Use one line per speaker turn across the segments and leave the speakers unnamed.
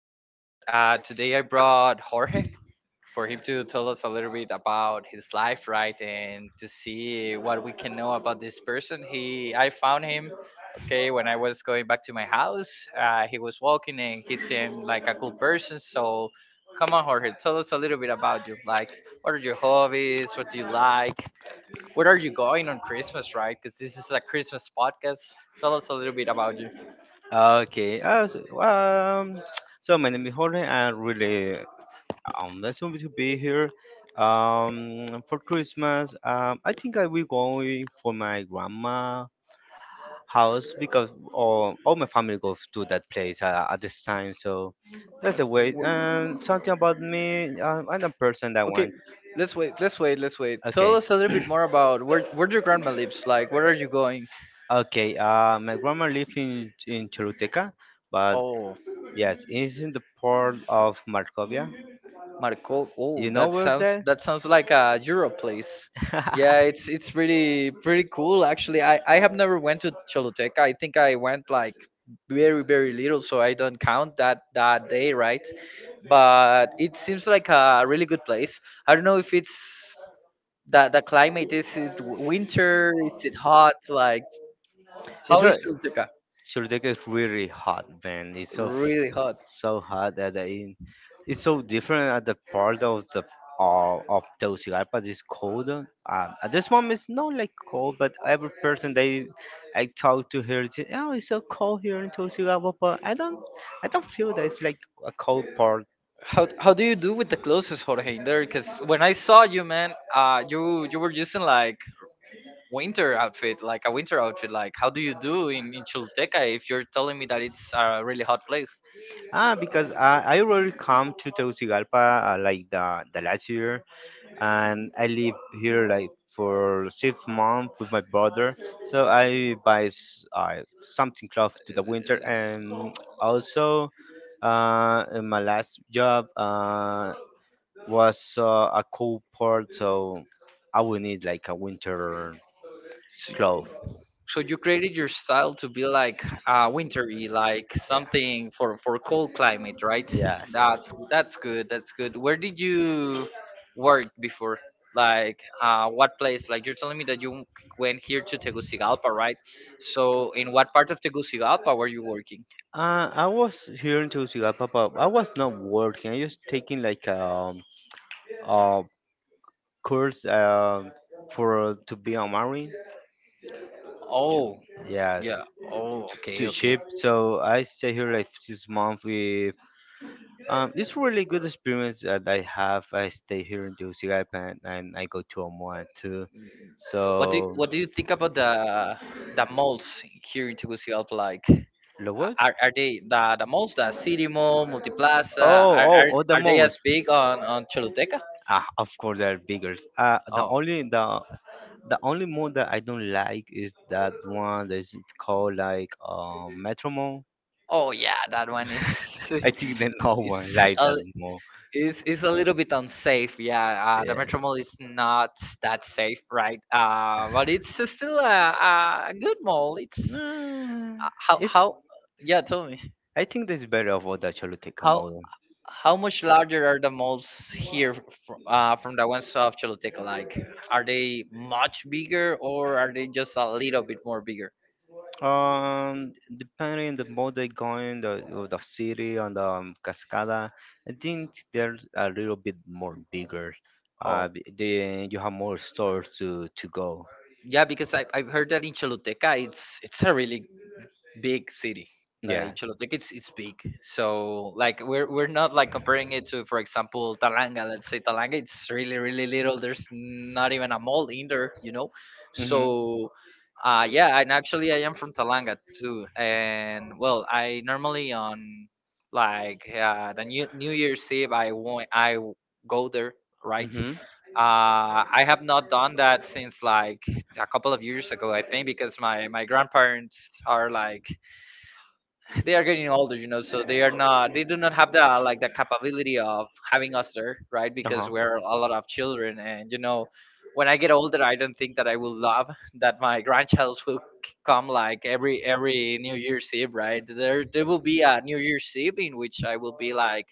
podcast. Today I brought Jorge for him to tell us a little bit about his life, right, and to see what we can know about this person. He, I found him, okay, when I was going back to my house. He was walking and he seemed like a cool person. So, come on, Jorge, tell us a little bit about you. Like, what are your hobbies? What do you like? Where are you going on Christmas, right? Because this is a Christmas podcast. Tell us a little bit about you.
Okay. So my name is Jorge. And really, I'm really nice to be here. For Christmas, I think I will go for my grandma house because all my family goes to that place at this time. So that's the way. And something about me, I'm a person that
Okay,
want.
let's wait. Let's wait. Let's wait. Tell
Okay.
us a little bit more about where your grandma lives. Like, where are you going?
Okay, my grandma lives in Choluteca, but
Oh,
yes, it's in the port of Markovia.
Marco. Oh,
You know
that
where's
sounds
that?
like a Euro place. Yeah, it's pretty cool actually. I have never went to Choluteca. I think I went like very little, so I don't count that day, right? But it seems like a really good place. I don't know if it's that the climate is it winter, is it hot? Like,
It's
how is
right.
Choluteca?
Churdek is really hot, man. It's so f-
Really hot.
so hot that it's so different at the part of the of Tegucigalpa. It's cold. At this moment, it's not like cold, but every person they I talk to here, say, oh, it's so cold here in Tegucigalpa. But I don't feel that it's like a cold part.
How do you do with the clothes, Jorge, in there? Because when I saw you, man, you were using like winter outfit, like a winter outfit. Like, how do you do in Choluteca if you're telling me that it's a really hot place?
Ah, because I already come to Tegucigalpa like the last year, and I live here like for 6 months with my brother. So something close to the winter, and also in my last job was a cold port, so I will need like a winter
So
cloth.
you created your style to be like wintry, like something for cold climate, right?
Yeah.
That's good. That's good. Where did you
Yes.
work before? Like what place? Like you're telling me that you went here to Tegucigalpa, right? So in what part of Tegucigalpa were you working?
I was here in Tegucigalpa, but I was not working. I was taking like a course for to be a marine.
Oh,
Yes,
yeah. Oh, okay,
to
okay.
ship. So I stay here like this month with. It's really good experience that I have. I stay here in Tegucigalpa and I go to Omoa too.
What do
So.
you think about the malls here in Tegucigalpa? Like,
The what?
are, they the malls, the City Mall, Multiplaza?
Oh,
Are,
oh,
are
oh, the
are they as
mouse.
big on Choluteca?
Ah, of course they're bigger.
Oh,
The only mode that I don't like is that one that is called like Metro Mode.
oh yeah, that one is
I think that no one
it's
like
a,
that mode.
it's, it's a little bit unsafe. Yeah, the
Yeah.
Metro Mall is not that safe, right? But it's still a good mall. It's
No, it's.
how yeah, tell me
I think that's better of the Choluteca
how.
mode.
How much larger are the malls here from the ones of Choluteca? Like, are they much bigger or are they just a little bit more bigger?
Depending the mode going, the city and the cascada, I think they're a little bit more bigger.
Oh,
They, you have more stores to go.
yeah, because I've heard that in Choluteca, it's a really big city,
Yeah.
like Choluteca it's big, so like we're not like comparing it to, for example, Talanga. Let's say Talanga, it's really little, there's not even a mall in there, you know,
Mhm.
so yeah. And actually I am from Talanga too, and well, I normally on like the new New Year's Eve I want, go there, right.
Mhm.
I have not done that since like a couple of years ago, I think, because my grandparents are like they are getting older, you know, so they are not, they do not have the like the capability of having us there, right? Because
Uh-huh.
we're a lot of children, and you know, when I get older, I don't think that I will love that my grandchilds will come like every New Year's Eve, right? There will be a New Year's Eve in which I will be like,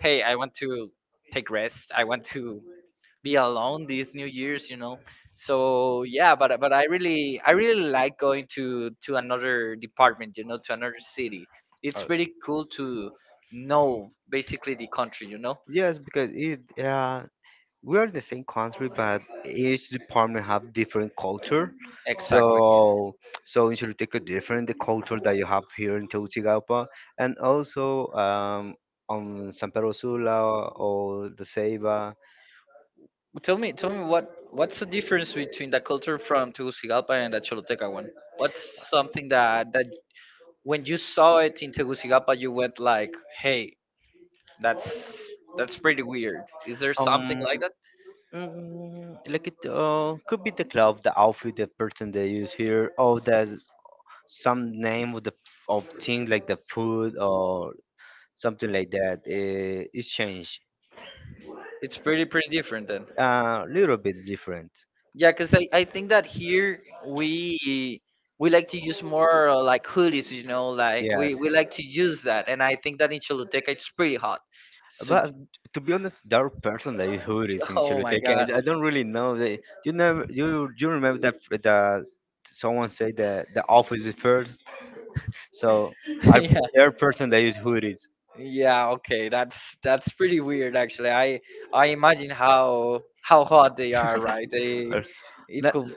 hey, I want to take rest, I want to be alone these new years, you know. So yeah, but I really, I really like going to another department, you know, to another city. It's
Uh,
pretty cool to know basically the country, you know.
Yes, because it yeah we are in the same country, but each department have different culture.
Exactly.
So, so in Choluteca different the culture that you have here in Tegucigalpa, and also on San Pedro Sula or the Ceiba.
Tell me, what 's the difference between the culture from Tegucigalpa and the Choluteca one? What's something that when you saw it in Tegucigalpa, you went like, hey, that's pretty weird? Is there something
Um,
like that?
like it could be the club, the outfit, the person they use here, or the some name of the of thing like the food or something like that. It's changed.
It's pretty different.
A little bit different.
Yeah, because I think that here we like to use more like hoodies, you know, like
Yes,
we like to use that, and I think that in Choluteca it's pretty hot. So,
but to be honest, there are person that is hoodies in
oh my God,
Choluteca. I don't really know. They, you know, you remember that the someone said that the office is first. So I
yeah,
there are person that use hoodies.
yeah, okay, that's pretty weird actually. I imagine how hot they are, right? They
Or-
it
la-
could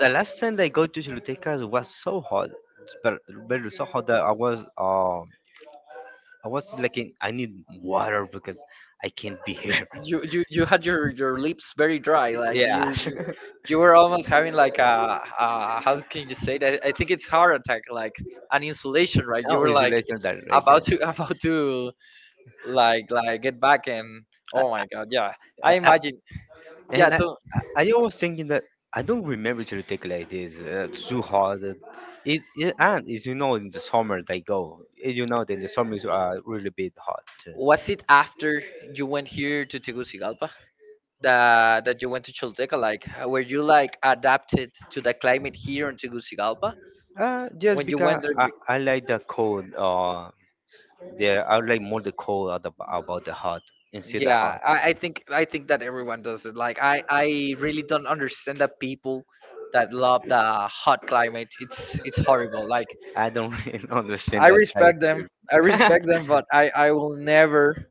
The last time I go to Choluteca was so hot, but very so hot that I was like in, I need water because I can't be here.
you you had your lips very dry, like
Yeah.
you were almost having like a, how can you say that, I think it's heart attack, like an insulation, right? You
Ah, oh,
were
it's
like
relational that right there.
about to about to like get back and, oh
Uh,
my god, yeah, I
uh, uh,
imagine. Yeah,
and I,
so
I always thinking that I don't remember to take like this too hard. It, it and as you know, in the summer they go. As you know, that the summers are really bit hot too.
was it after you went here to Tegucigalpa that you went to Choluteca? Like, were you like adapted to the climate here in Tegucigalpa
Just
when you
because
went there?
I like the cold. The I like more the cold at the, about the hot instead the
Yeah,
hot.
I think, that everyone does it. Like I really don't understand the people that love the hot climate. It's horrible. Like
I don't really understand
I
that type
respect them.
of
I respect them, but I will never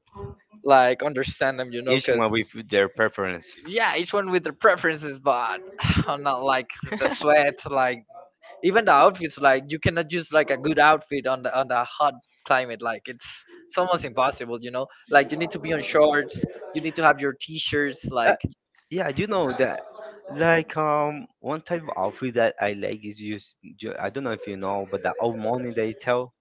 like understand them, you know,
issue
because
with their preference.
yeah, each one with their preferences, but I'm not like the sweat, like even the outfits, like you cannot use like a good outfit on the hot climate. Like it's almost impossible, you know. Like you need to be on shorts, you need to have your t-shirts, like
Like yeah, you know that. Like one type of outfit that I like is use. I don't know if you know, but the old money they tell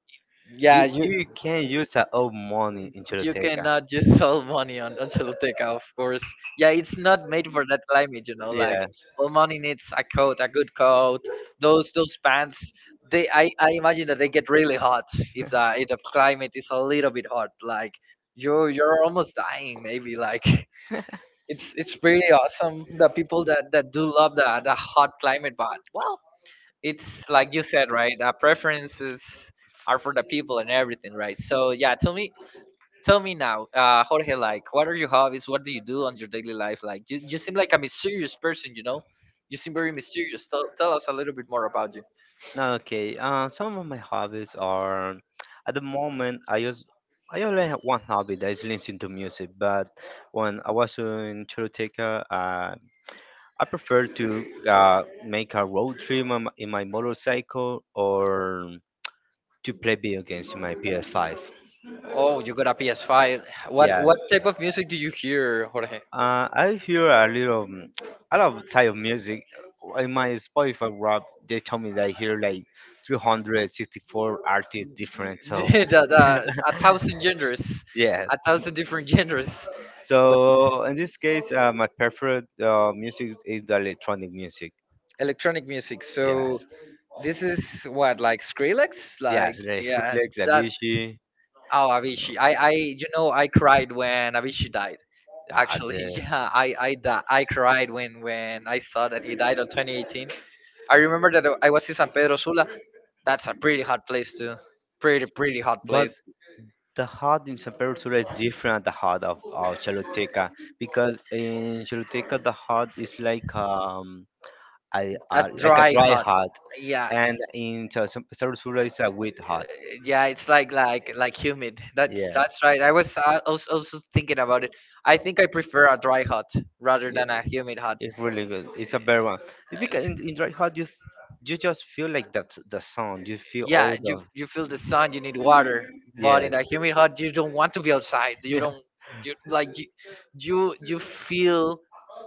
yeah,
you
you
you can use that old money in
you
Choloteca.
cannot just solve money on Choluteca, of course. Yeah, it's not made for that climate, you know. Like,
Yeah.
well, money needs a coat, a good coat. Those pants, they, I imagine that they get really hot if the climate is a little bit hot. Like, you 're almost dying, maybe. Like, it's pretty awesome. The people that do love the hot climate, but well, it's like you said, right? The preferences are for the people and everything, right? So yeah, tell me now, Jorge, like, what are your hobbies? What do you do on your daily life? Like, you, seem like a mysterious person, you know? You seem very mysterious. Tell, us a little bit more about you.
No, okay. Some of my hobbies are, at the moment, I use. I only have one hobby that is listening to music, but when I was in Choloteca, I prefer to make a road trip on, in my motorcycle or to play video games in my PS5.
Oh, you got a PS5. What
Yes,
type of music do you hear, Jorge?
I hear a little, I love type of music. In my Spotify rap, they told me that I hear like 364 artists different. So
The, a thousand genres,
yeah,
a thousand different genres, but
so in this case, my preferred music is the electronic music.
electronic music. So
Yes,
this is what, like Skrillex,
yes,
like,
like
yeah,
Skrillex,
that.
Avicii.
Oh, Avicii. I you know I cried when Avicii died.
Ah, the,
Actually, yeah, I cried when I saw that he died on 2018. I remember that I was in San Pedro Sula. That's a pretty hot place too. Pretty hot
but
place.
the hut in San Pedro Sula is different than the hut of Choluteca because in Choluteca the hut is like a
A
like a
dry
dry
hot.
hut,
Yeah,
and in San Pedro Sula is a wet hut.
yeah. It's like humid. That's
Yes,
right. I was also thinking about it. I think I prefer a dry hot rather
yeah,
than a humid hot.
it's really good. It's a better one. It's because in dry hut you you just feel like that the sound. You feel
Yeah,
all
you
the
feel the sun, you need water, but in
yes.
that humid hot you don't want to be outside, you don't, you like you you, feel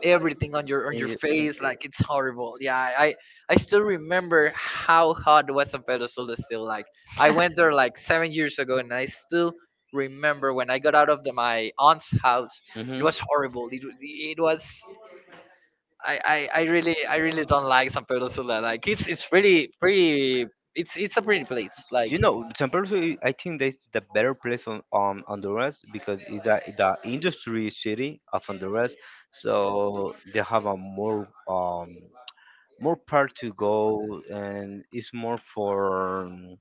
everything on your
Y- y-
face, like it's horrible. Yeah, I still remember how hot was San Pedro Sula still, like I went there like 7 years ago and I still remember when I got out of the, my aunt's house, it
mhm.
was horrible, it was, I, I really, don't like San Pedro Sula. Like it's really pretty. It's a pretty place. Like
You know, San Pedro, Sula, I think that's the better place on Honduras because it's the industry city of Honduras, so they have a more more part to go and it's more for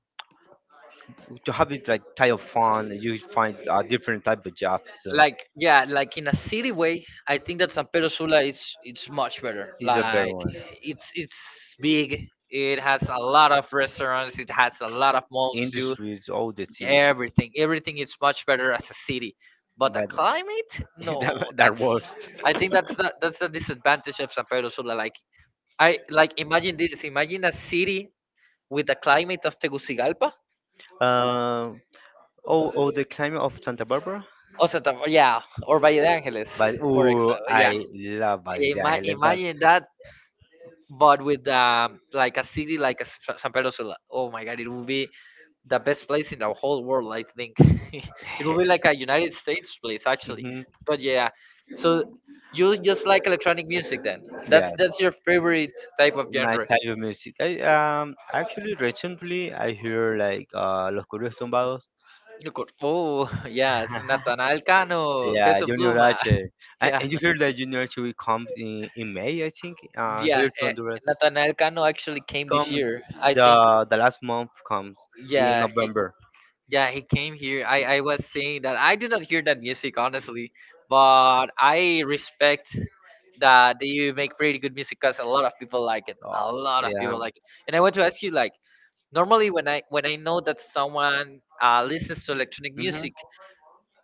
to have it like type of fun. You find a different type of jobs, so
yeah, like in a city way, I think that San Pedro Sula is it's much better.
it's a better
Like
one.
it's big. It has a lot of restaurants. It has a lot of malls too.
Industries, all the things,
Everything is much better as a city. But the
but
climate, no,
that, that
that's,
was
I think that's the disadvantage of San Pedro Sula. Like I like imagine this. Imagine a city with the climate of Tegucigalpa.
um oh oh the climate of Santa Barbara.
Also, the- yeah, or Valle de
But
Angeles, for
oh,
example. Yeah,
I love it. I love but
Imagine that, but with like a city like San Pedro Sula. Oh my God, it would be the best place in the whole world, I think. It would be
yes.
like a United States place, actually.
Hmm.
But yeah, so you just like electronic music then?
Yeah.
That's your favorite type of
My
genre.
type of music. I actually recently I hear like Los Corridos Tumbados.
You could- Oh, yes, Natanael Cano,
Yeah,
Peso
Junior
Pluma.
H.
Yeah.
And you hear that Junior H will come in May, I think,
Yeah,
here to Honduras.
Nathanael Cano actually came this
Come
year. I think.
the last month comes in
Yeah, he,
November.
yeah, he came here. I was saying that I did not hear that music honestly, but I respect that you make pretty good music because a lot of people like it.
Oh,
A lot of
yeah.
people like it. And I want to ask you, like, normally when I, know that someone listens to electronic
Hmm.
music,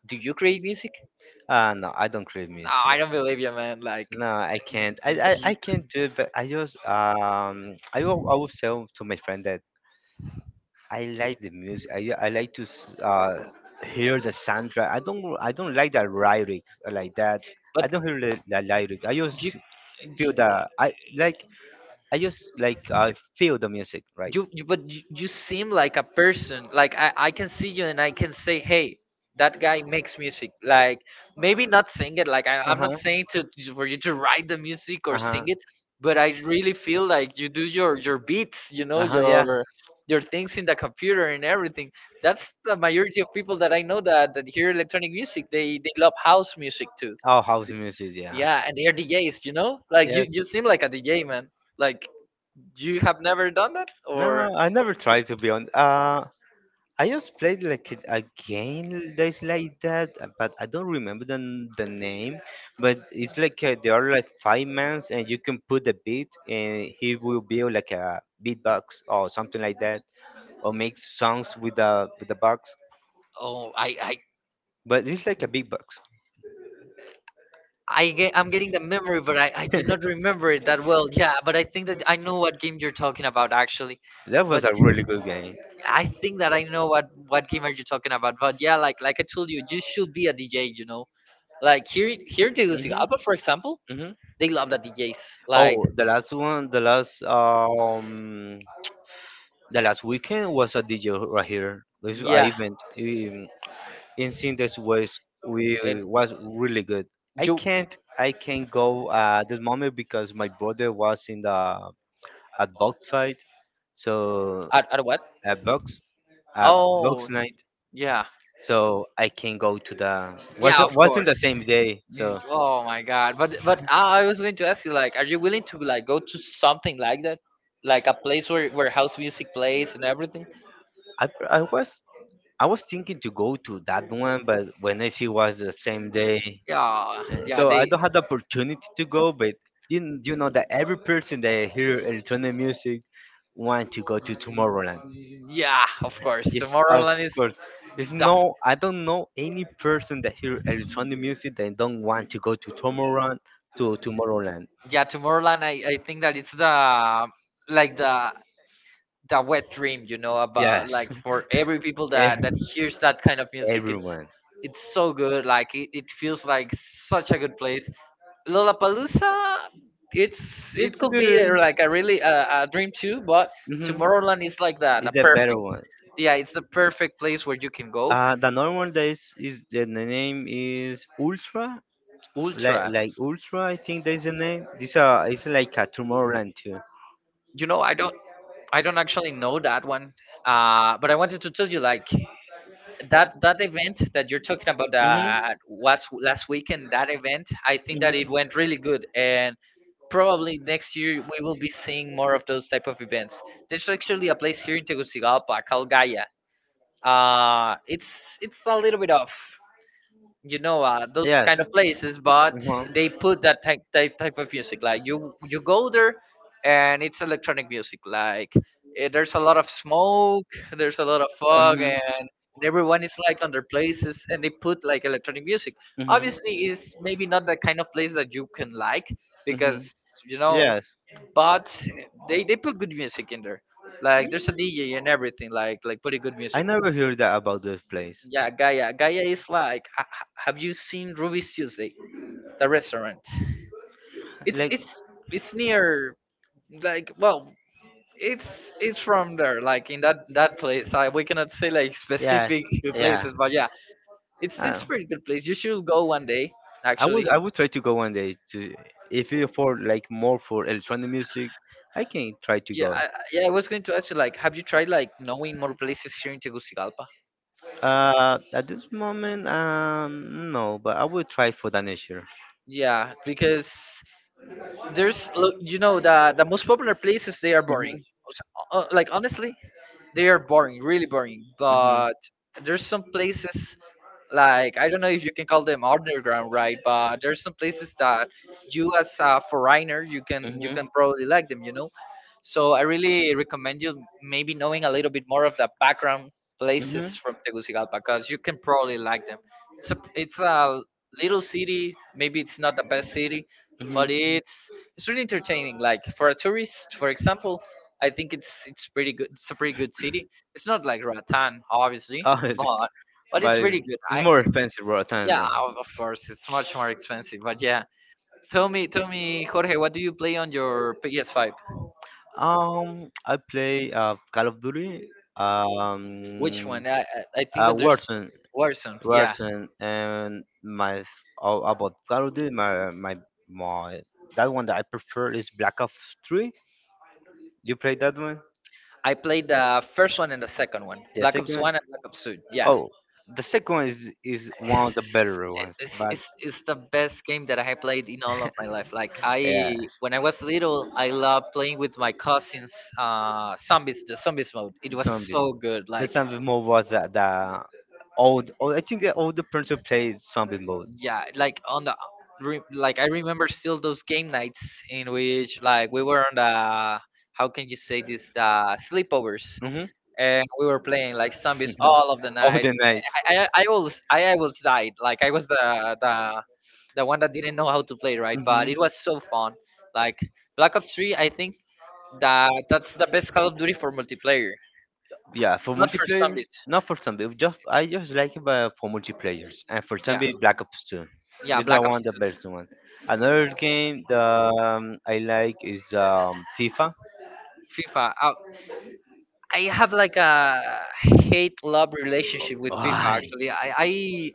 do you create music?
No, I don't create music.
No, I don't believe you, man. Like,
No, I can't. I can't do it. But I just I will tell to my friend that I like the music. I like to hear the soundtrack. I don't like the lyrics like that. I
but.
don't hear the lyric. I
do
just feel the I like I just like I feel the music, right?
you, you but you seem like a person like I can see you and I can say, "Hey, that guy makes music," like maybe not sing it. Like
Uh
I'm not saying
huh.
for you to write the music or
Uh
sing
huh.
it, but I really feel like you do your beats, you know,
Uh huh. Yeah.
your things in the computer and everything. That's the majority of people that I know, that hear electronic music, they love house music too.
Oh, house music. Yeah.
Yeah, and they're DJs, you know, like you
Yes.
you seem like a DJ, man. Like you have never done that,
No,
or?
I never tried to be on. I just played like it a game that's like that, but I don't remember the, the name. But it's like there are like five mans, and you can put a beat, and he will build like a beatbox or something like that, or make songs with the box.
Oh, I, I,
But it's like a beatbox.
I get, I'm getting the memory, but I do not remember it that well. Yeah, but I think that I know what game you're talking about, actually.
That
But
was a really good game.
I think that I know what game are you talking about. But yeah, like I told you, you should be a DJ. You know, like here in
Hmm.
Tegucigalpa, for example,
Hmm.
they love the DJs. Like
Oh, the last one, the last the last weekend was a DJ right here. This a
yeah,
event in Sinders was we
and
was really good. I
you?
can't I can't go at this moment because my brother was in the at box fight, so
At what?
a box a
Oh
box night.
yeah,
So I can't go to the
yeah,
was
of
wasn't
course.
the same day.
You,
So
oh my god! But I was going to ask you, like, are you willing to like go to something like that, like a place where house music plays and everything?
I I was I was thinking to go to that one, but when I see was the same day,
Yeah,
so
yeah,
I
they,
don't have the opportunity to go, but you know that every person that hear electronic music want to go to Tomorrowland.
yeah, of course.
Yes, of
Tomorrowland is
course. There's
the,
no, I don't know any person that hear electronic music that don't want to go to Tomorrowland to Tomorrowland.
yeah, Tomorrowland. I think that it's the, like the wet dream, you know, about
Yes,
like for every people
Ev-
that hears that kind of music.
everyone.
It's so good. Like it feels like such a good place. Lollapalooza, it's it
It's
could be
good.
like a really a dream too, but
Hmm.
Tomorrowland is like the
It's the better
perfect.
one.
Yeah, it's the perfect place where you can go.
The normal days is the name is Ultra. like
Ultra,
like Ultra, I think that's the name. This it's like a Tomorrowland too.
you know, I don't actually know that one, but I wanted to tell you like that event that you're talking about
Mhm.
was last weekend. That event, I think that it went really
Mhm.
good. And probably next year we will be seeing more of those type of events. There's actually a place here in Tegucigalpa called Gaia. It's a little bit of, you know, those
Yes.
kind of places, but
Mhm.
they put that type of music, like you go there, and it's electronic music. Like eh, there's a lot of smoke, there's a lot of fog,
Mhm.
and everyone is like on their places, and they put like electronic music.
Mhm.
Obviously it's maybe not the kind of place that you can like
Mhm.
because, you know,
Yes.
but they put good music in there, like
Mm.
there's a DJ and everything, like putting good
I
music.
never heard that about this place.
Yeah, Gaia. Gaia is like, have you seen Ruby's Tuesday, the restaurant? It's
Like.
it's it's near, like, well, it's from there, like in that place. I, we cannot say like
Yes.
specific
Yeah.
places, but yeah, it's
Uh,
pretty good place. You should go one day, actually.
I would try to go one day to if you for like more for electronic music, I can try to
Yeah,
go.
yeah. I was going to ask you, like, have you tried like knowing more places here in Tegucigalpa?
At this moment, no, but I will try for the next year.
Yeah, because there's, look, you know, the most popular places, they are
Mhm,
boring. Like honestly, they are boring, really boring.
mhm,
But there's some places, like I don't know if you can call them underground, right? But there's some places that you, as a foreigner, you
mhm,
can probably like them, you know. So I really recommend you maybe knowing a little bit more of the background places from Tegucigalpa, because you can probably like them. It's a little city, maybe it's not the best city, but
mhm,
it's really entertaining. Like for a tourist, for example, I think it's pretty good. It's a pretty good city. It's not like
mhm.
Ratan, obviously,
Oh, it's,
but
but
it's really good.
it's
I
more expensive, bro.
yeah,
Than,
of course, it's much more expensive, but yeah. Tell me, Jorge, what do you play on your PS5?
I play Call of Duty,
Which
um,
one? I think that there's
Warzone,
Warzone. Yeah,
Warzone, and my oh, about Call of Duty, my that one that I prefer is Black Ops Three. You play that one?
I played the first one and the second one,
The
Black
second
Ops
one?
One and Black Ops Two. Yeah,
Oh, the second one is
it's,
one of the better ones, but
it's the best game that I have played in all of my life. Like
yeah.
I, when I was little, I loved playing with my cousins. The zombies mode. It was
Zombies.
so good.
The
Like
zombie mode was the old, old. I think the older person played zombie mode.
yeah, like on the like I remember still those game nights in which like we were on the, how can you say this, the sleepovers,
Mm-hmm.
and we were playing like zombies all of the
All
night.
the night.
I always, died. Like I was the one that didn't know how to play, right? But it
Hmm.
was so fun. Like Black Ops 3, I think that that's the best Call of Duty for multiplayer,
Yeah, for
not for
multiplayers,
zombies.
not for zombie. Just I just like it for multiplayers, and for
Yeah,
zombie Black Ops 2.
yeah,
It's the
Black Ops.
one the best one. Another game that I like is FIFA.
FIFA. I have like a hate love relationship with FIFA.
Why?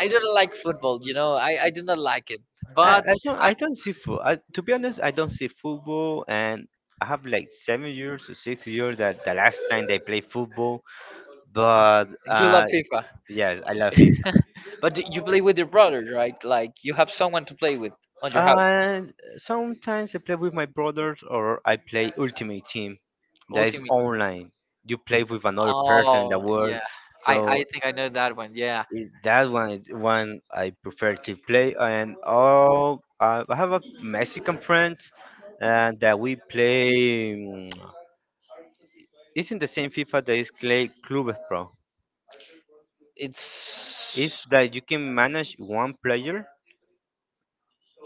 I don't like football. You know, I do not like it. But I
I don't see football. I, to be honest, I don't see football, and I have like 7 years or 6 years that the last time they play football. But
do love FIFA.
yes, I love it.
You play with your brothers, right? Like you have someone to play with on your house.
And sometimes I play with my brothers, or I play Ultimate Team. That is
Ultimate.
online. You play with another person in the
Oh
world.
yeah, I
So
think I know that one. Yeah,
it, that one is one I prefer to play. And all I have a Mexican friend and that we play. Isn't the same FIFA that is Clay Clubes Pro? Is
it's
that you can manage one player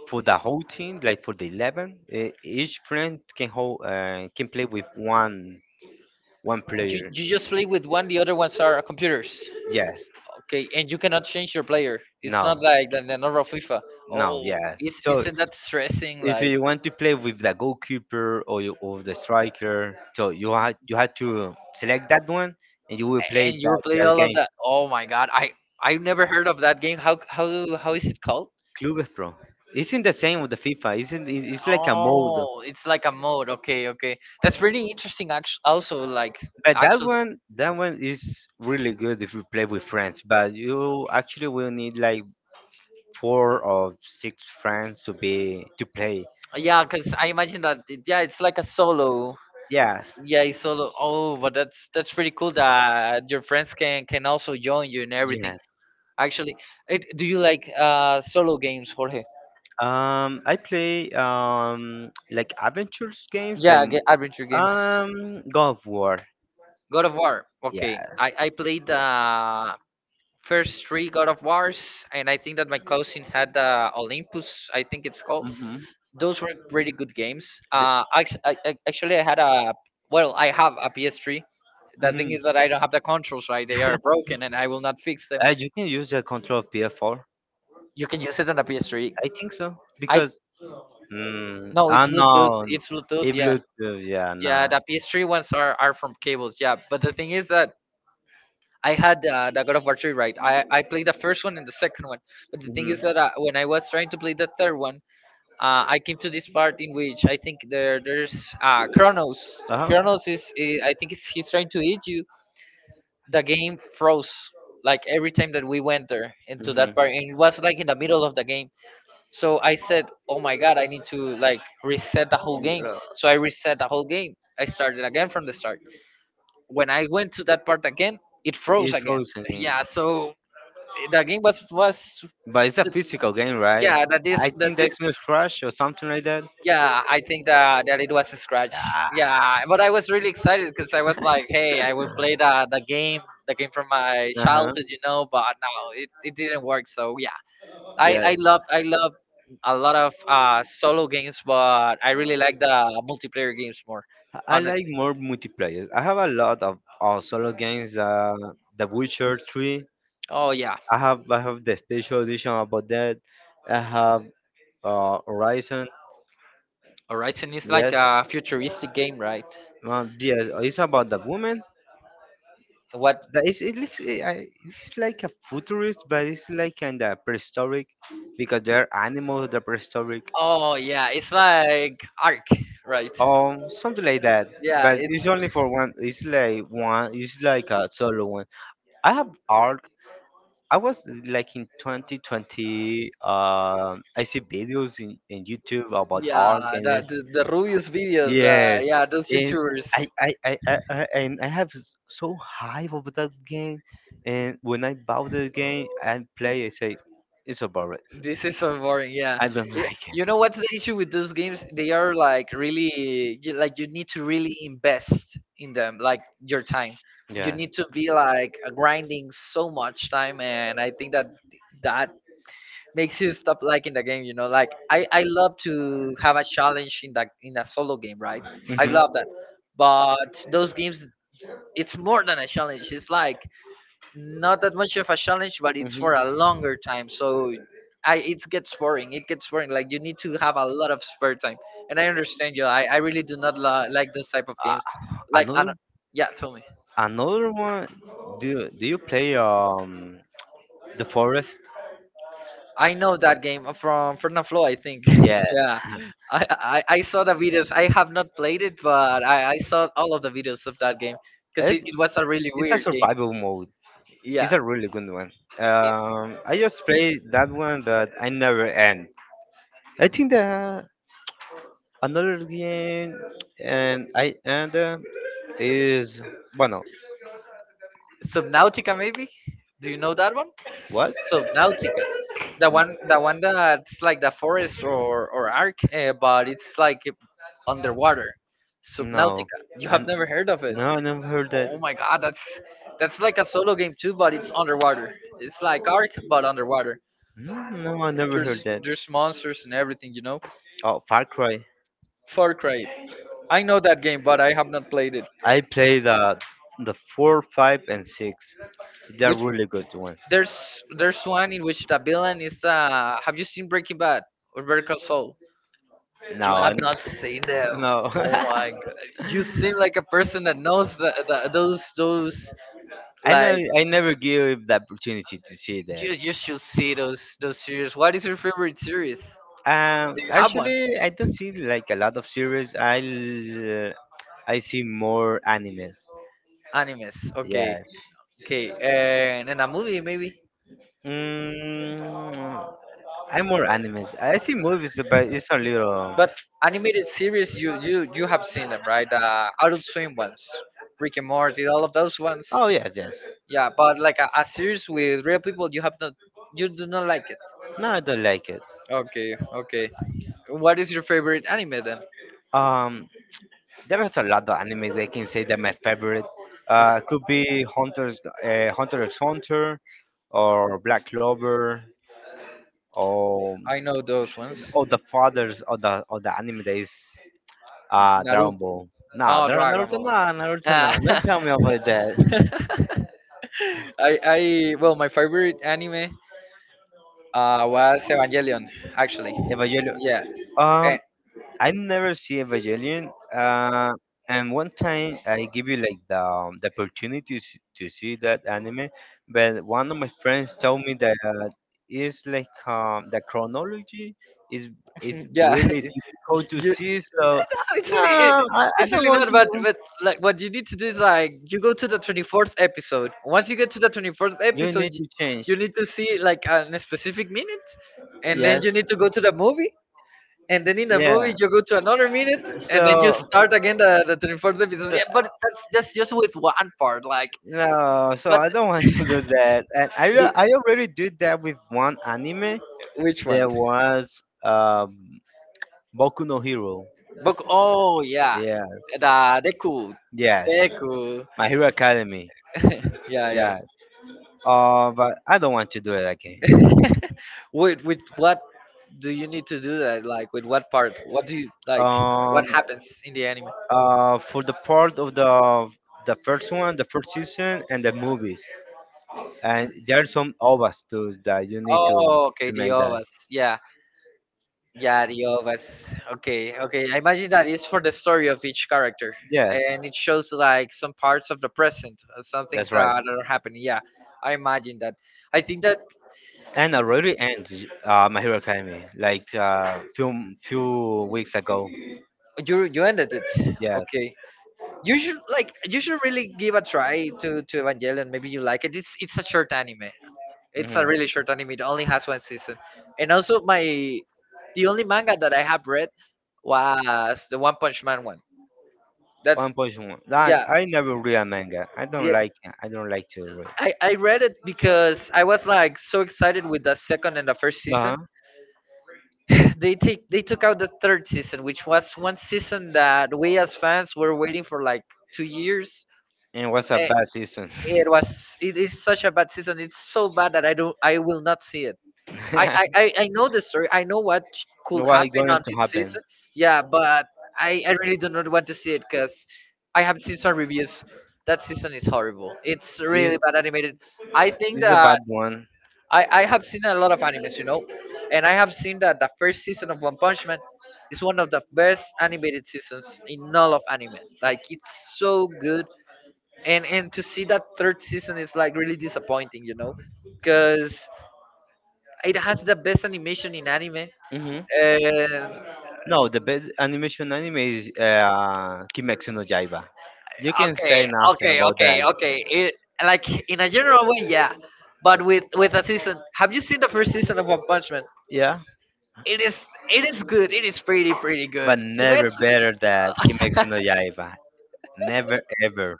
for the whole team, like for the 11. Each friend can hold, can play with one player.
you just play with one. The other ones are computers.
Yes.
Okay, and you cannot change your player. It's not
No.
like the normal FIFA.
No.
Oh,
Yes.
is
So
isn't that stressing?
if
Like,
you want to play with the goalkeeper or you, or the striker, so you had to select that one, and you will play
and you
that
play
that
all of
game.
that. Oh my God, I never heard of that game. How is it called?
Clubes Pro. Isn't the same with the FIFA. Isn't it- It's like a mode.
Oh, it's like a mode. Okay, that's pretty interesting. Actually, also like
But that
actually,
one, that one is really good if you play with friends. But you actually will need like four or six friends to be to play.
yeah, because I imagine that yeah, it's like a solo.
Yes,
Yeah, it's solo. Oh, but that's pretty cool that your friends can also join you and everything.
yes.
Actually, it, do you like solo games, Jorge?
I play like adventures games, like
Yeah, adventure games.
God of War.
God of War. Okay,
Yes.
I played the first three God of Wars, and I think that my cousin had the Olympus. I think it's called.
Mm-hmm.
Those were pretty good games. Actually, I had a well, I have a PS3. The
hmm
thing is that I don't have the controls right; they are broken, and I will not fix them.
You can use the control of PS4.
You can use it on the PS3.
I think so
I
because
No, it's
no,
Bluetooth. It's Bluetooth.
it
Yeah,
Bluetooth. Yeah,
yeah.
no.
The PS3 ones are from cables. Yeah, but the thing is that I had the God of War 3, right. I played the first one and the second one. But the thing
hmm
is that when I was trying to play the third one, I came to this part in which I think there's Kronos. Kronos is, I think it's, he's trying to eat you. The game froze like every time that we went there into
Yeah.
that part, and it was like in the middle of the game. So I said, "Oh my God, I need to like reset the whole game." So I reset the whole game. I started again from the start. When I went to that part again, it froze
It's
again.
frozen game.
Yeah, so the game was,
But it's a physical game, right?
yeah,
I
the
think that's
disc.
no crash or something like that. Yeah.
Yeah, I think that it was a scratch. Yeah, but I was really excited because I was like, "Hey, I will play the game, the game from my
Uh-huh.
childhood," you know. But no, it didn't work. So yeah,
Yeah.
I love a lot of solo games, but I really like the multiplayer games more
I like
honestly.
more multiplayer. I have a lot of solo games. The Witcher 3.
Oh yeah.
I have the special edition about that. I have Horizon.
Horizon is like
Yes,
a futuristic game, right?
yes, it's about the woman.
What?
That is it looks it's like a futurist, but it's like kinda prehistoric because there are animals that are prehistoric.
Oh yeah, it's like Arc, right?
Something like that.
Yeah,
But
it's
it's only for one. It's like one. It's like a solo one. I have arc. I was like in 2020. I see videos in YouTube about arc
yeah,
and
the the Rubius videos.
yes,
Yeah, those
and
YouTubers.
I have so high of that game, and when I bought the game and play, I say it's a boring.
This is so boring. Yeah,
I don't
Y-
like
you know what's the issue with those games? They are
it.
like really, like you need to really invest in them, like your time. You
Yes.
need to be like grinding so much time, and I think that that makes you stop liking the game, you know. Like I love to have a challenge in that, in a solo game, right?
Mhm.
I
Mhm.
love that. But those games, it's more than a challenge. It's like not that much of a challenge, but it's for a longer time. So I it gets boring, it gets boring. Like you need to have a lot of spare time, and I understand you. I really do not like those type of
Uh,
games. Like I
another
don't— yeah, tell me.
Another one. Do you play the forest?
I know that game from Fernand Flo, I think.
Yeah,
Yeah, I saw the videos. I have not played it, but I saw all of the videos of that game because
it,
it was a really
it's a
weird game.
survival mode. It's
Yeah,
a really good one. I just played that one, but I never end. I think that another game, and I end is bueno.
Subnautica maybe. Do you know that one?
What?
Subnautica, the one that's like The Forest or Arc, but it's like underwater.
No,
Subnautica. You
I
have never heard of it?
no, I never heard
Oh
that.
my god, that's like a solo game too, but it's underwater. It's like Ark, but underwater.
No, I never heard
There's
that.
there's monsters and everything, you know.
Oh, Far Cry.
Far Cry. I know that game, but I have not played it.
I played the four, five, and six. They're
Which
really good ones.
there's one in which the villain is Have you seen Breaking Bad or Better Call Saul?
No,
You have
I,
not seen them.
no.
Oh my god! You seem like a person that knows the, those
I
like
know I never give the opportunity to see that.
you should see those series. What is your favorite series? Do you have one?
Actually, I don't see like a lot of series. I see more animes.
Animes. Okay.
Yes.
Okay. And in a movie maybe.
Mm, I'm more animes. I see movies, but it's a little.
But animated series, you have seen them, right? The Adult Swim ones, Rick and Morty, all of those ones.
Oh yeah, yes.
Yeah, but like a series with real people, you have not, you do not like it.
No, I don't like it.
Okay, okay. What is your favorite anime then?
Um, There is a lot of anime. They can say that my favorite could be Hunter x Hunter or Black Clover or
I know those ones.
or the fathers of the anime that is Dragon
Naruto.
Ball.
Oh, Dragon
Naruto,
Ball.
nah, Naruto,
Ah.
nah. Don't tell me about that.
I well, my favorite anime was Evangelion actually.
Evangelion.
Yeah, eh,
Um, I never see Evangelion. And one time I give you like the opportunity to to see that anime, but one of my friends told me that it's like the chronology is is
yeah.
really difficult to
You
see. So no,
Actually,
I
it's
don't
really
want
not.
to.
But like, what you need to do is like you go to the 24th episode. Once you get to the 24th
You
episode,
need to change.
you need to see like a specific minute, and then you
Yes,
need to go to the movie. And then in the movie,
yeah.
you go to another minute, and then you
So
start again the 24th episode.
so
Yeah, but that's just with one part. Like,
no, so
but
I don't want to do that. And I already did that with one anime.
which one?
There was Boku no Hero.
Boku. Oh yeah,
Yeah.
the Deku.
Yes.
Deku.
My Hero Academy.
yeah, yeah.
Yeah. But I don't want to do it again.
with what do you need to do that? Like with what part? What do you like?
Um,
What happens in the anime?
for the part of the first one, the first season, and the movies. And there's some ovas too that you need to
Oh, okay, the
make that.
ovas. Yeah, yeah, the ovas. Okay, okay. I imagine that it's for the story of each character,
Yes,
and it shows like some parts of the present, some things
that's
that
right.
are happening. Yeah, I imagine that. I think that
And already ends My Hero Academy like few few weeks ago.
you ended it.
Yes.
Okay, you should really give a try to Evangelion. Maybe you like it. It's a short anime. It's a
hmm
really short anime. It only has one season. And also my the only manga that I have read was the One Punch Man one. That's
One Punch Man. That
yeah.
I never read a manga. I don't
the-
like. I don't like to read.
I read it because I was like so excited with the second and the first season.
Uh-huh.
They took out the third season, which was one season that we as fans were waiting for like 2 years.
And it was a
Eh,
bad season.
It was it is such a bad season. It's so bad that I will not see it. I know the story. I know what could
What's
happen
going
on
to
this
happen?
season. Yeah, but I really do not want to see it because I have seen some reviews. That season is horrible. It's really
Is
bad animated. I think
is a
that
bad one.
I have seen a lot of animes, you know, and I have seen that the first season of One Punch Man is one of the best animated seasons in all of anime. Like it's so good, and to see that third season is like really disappointing, you know, because it has the best animation in anime.
hmm
Uh,
No, the best animation anime is Kimetsu no Yaiba. You can
okay,
say nothing
okay,
about that.
okay, okay. It, like in a general way, yeah. But with a season, have you seen the first season of One Punch Man?
Yeah,
It is it is good. It is pretty pretty
but
good.
never
Kimetsu,
better than Kimetsu no Yaiba. Never ever.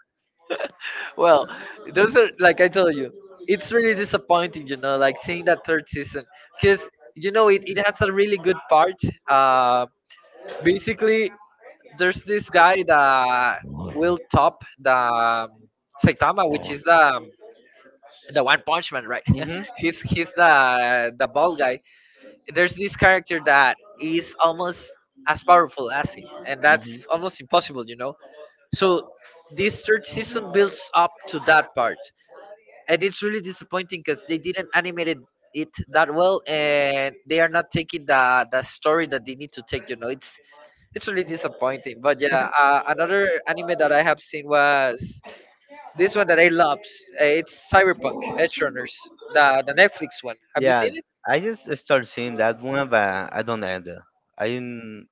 well, those are like I told you, it's really disappointing, you know, like seeing that third season because you know it has a really good part. Uh, basically, there's this guy that will top the Saitama, which is the One Punch Man, right?
hmm
He's the bald guy. There's this character that is almost as powerful as him, and that's almost impossible, you know. So this third season builds up to that part, and it's really disappointing because they didn't animate it that well, and they are not taking the story that they need to take. You know, it's really disappointing. But yeah, another anime that I have seen was this one that I loves, it's Cyberpunk Edgerunners, the Netflix one. Have you seen
Yes,
it?
I just start seeing that one, but I don't end it. I didn't-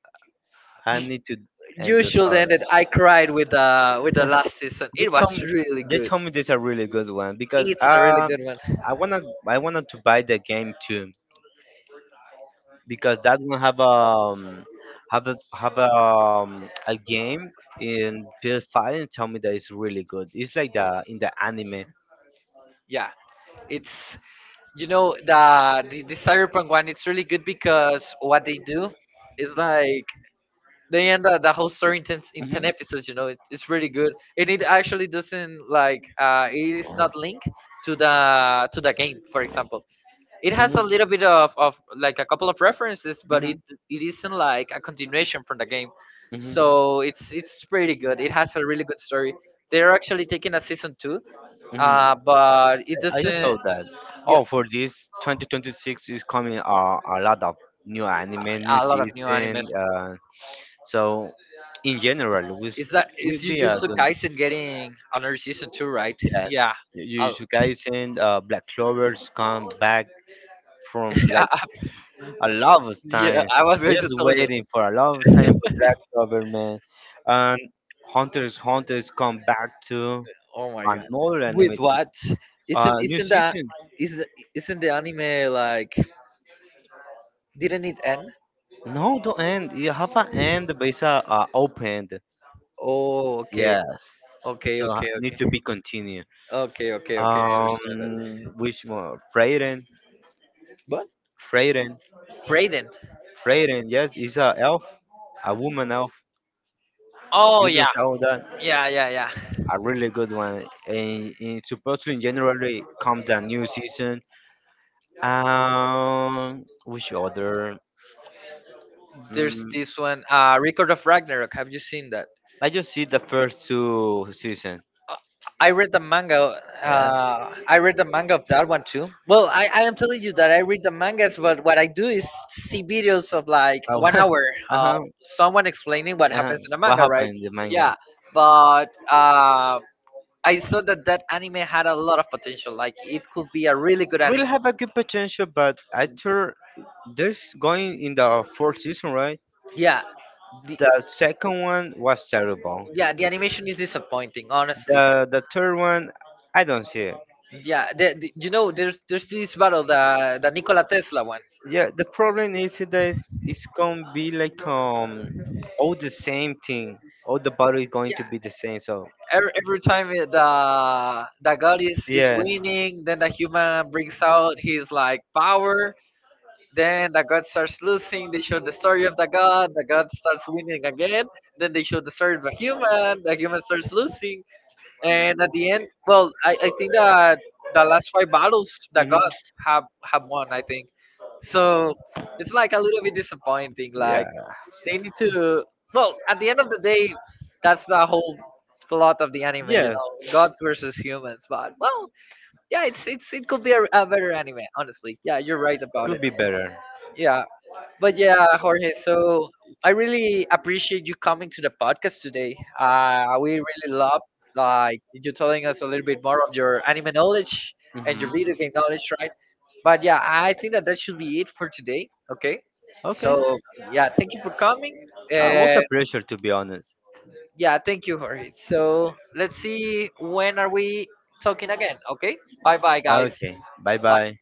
I need to end
You
the
should
part.
end it. I cried with the last season.
They
It
told
was
me
really
they
good.
told me this is a really good one because
It's a really good one.
I wanna I wanted to buy the game too, because that one a game in PS5 and tell me that it's really good. It's like the in the anime.
Yeah, it's you know the cyberpunk one. It's really good because what they do is like they end up the whole story in ten
hmm
episodes. You know, it's really good, and it actually doesn't like it is not linked to the game, for example. It
hmm
has a little bit of like a couple of references, but
hmm
it isn't like a continuation from the game.
hmm
So it's pretty good. It has a really good story. They're actually taking a season two,
hmm
but it
I just saw
doesn't.
that.
Yeah,
Oh, for this 2026 is coming a lot of new anime, new
a lot of new
season.
animes.
So in general, we
Is
will be a
Jujutsu
good.
Kaisen getting another season two, right?
Yes,
Yeah. I
Jujutsu Kaisen, Black Clovers come back from like a lot of
yeah,
time.
I was
I
going
just
to tell you.
waiting for a lot of time for Black Clover, man. And Hunters come back to
Oh my god.
another anime.
With what?
New
Isn't that
season.
is isn't the anime like didn't it end?
No, don't end. You have an end, but it's opened.
Oh, okay,
Yes.
okay,
So I
okay,
need to be
okay,
continued.
okay, okay, okay. I understand that.
Which more? Freyren.
But
Freyren.
Raiden.
Freyren. Yes, is a elf, a woman elf.
Oh
You do
yeah,
saw that
yeah, yeah, yeah.
a really good one, and it's supposedly generally comes the new season. Which other?
There's
Mm,
this one, Record of Ragnarok. Have you seen that?
I just see the first two season.
Uh, I read the manga.
Yes.
I read the manga of that one too. Well, I am telling you that I read the mangas, but what I do is see videos of like one
Uh
hour of
huh.
someone explaining what
Uh,
happens in the
what
manga, right?
happened in the manga?
Yeah, but I saw that that anime had a lot of potential. Like it could be a really good anime.
Really have a good potential, but after this going in the fourth season, right?
Yeah, the
The second one was terrible.
yeah the animation is disappointing, honestly.
The third one, I don't see it.
Yeah, you know there's this battle the Nikola Tesla one.
Yeah, the problem is that it's gonna be like all the same thing. All the body is going
Yeah,
to be the same. So
Every time the god is
yes,
winning, then the human brings out his like power. Then the god starts losing. They show the story of the god. The god starts winning again. Then they show the story of the human. The human starts losing. And at the end, well, I think that the last 5 battles the
hmm
gods have won. I think so. It's like a little bit disappointing. Like
yeah,
they need to. Well, at the end of the day, that's the whole plot of the anime. You
yes,
know, gods versus humans. But well, yeah, it's it could be a better anime. Honestly, yeah, you're right about
could
it.
be better.
Yeah. But yeah, Jorge, so I really appreciate you coming to the podcast today. We really love like you telling us a little bit more of your anime knowledge and your
hmm
video game knowledge, right? But yeah, I think that that should be it for today. Okay,
Okay,
so yeah, thank you for coming.
it was a
And
pleasure to be honest.
yeah, thank you, Jorge. So let's see when are we talking again? Okay, bye bye, guys.
Okay. Bye
Bye.
bye.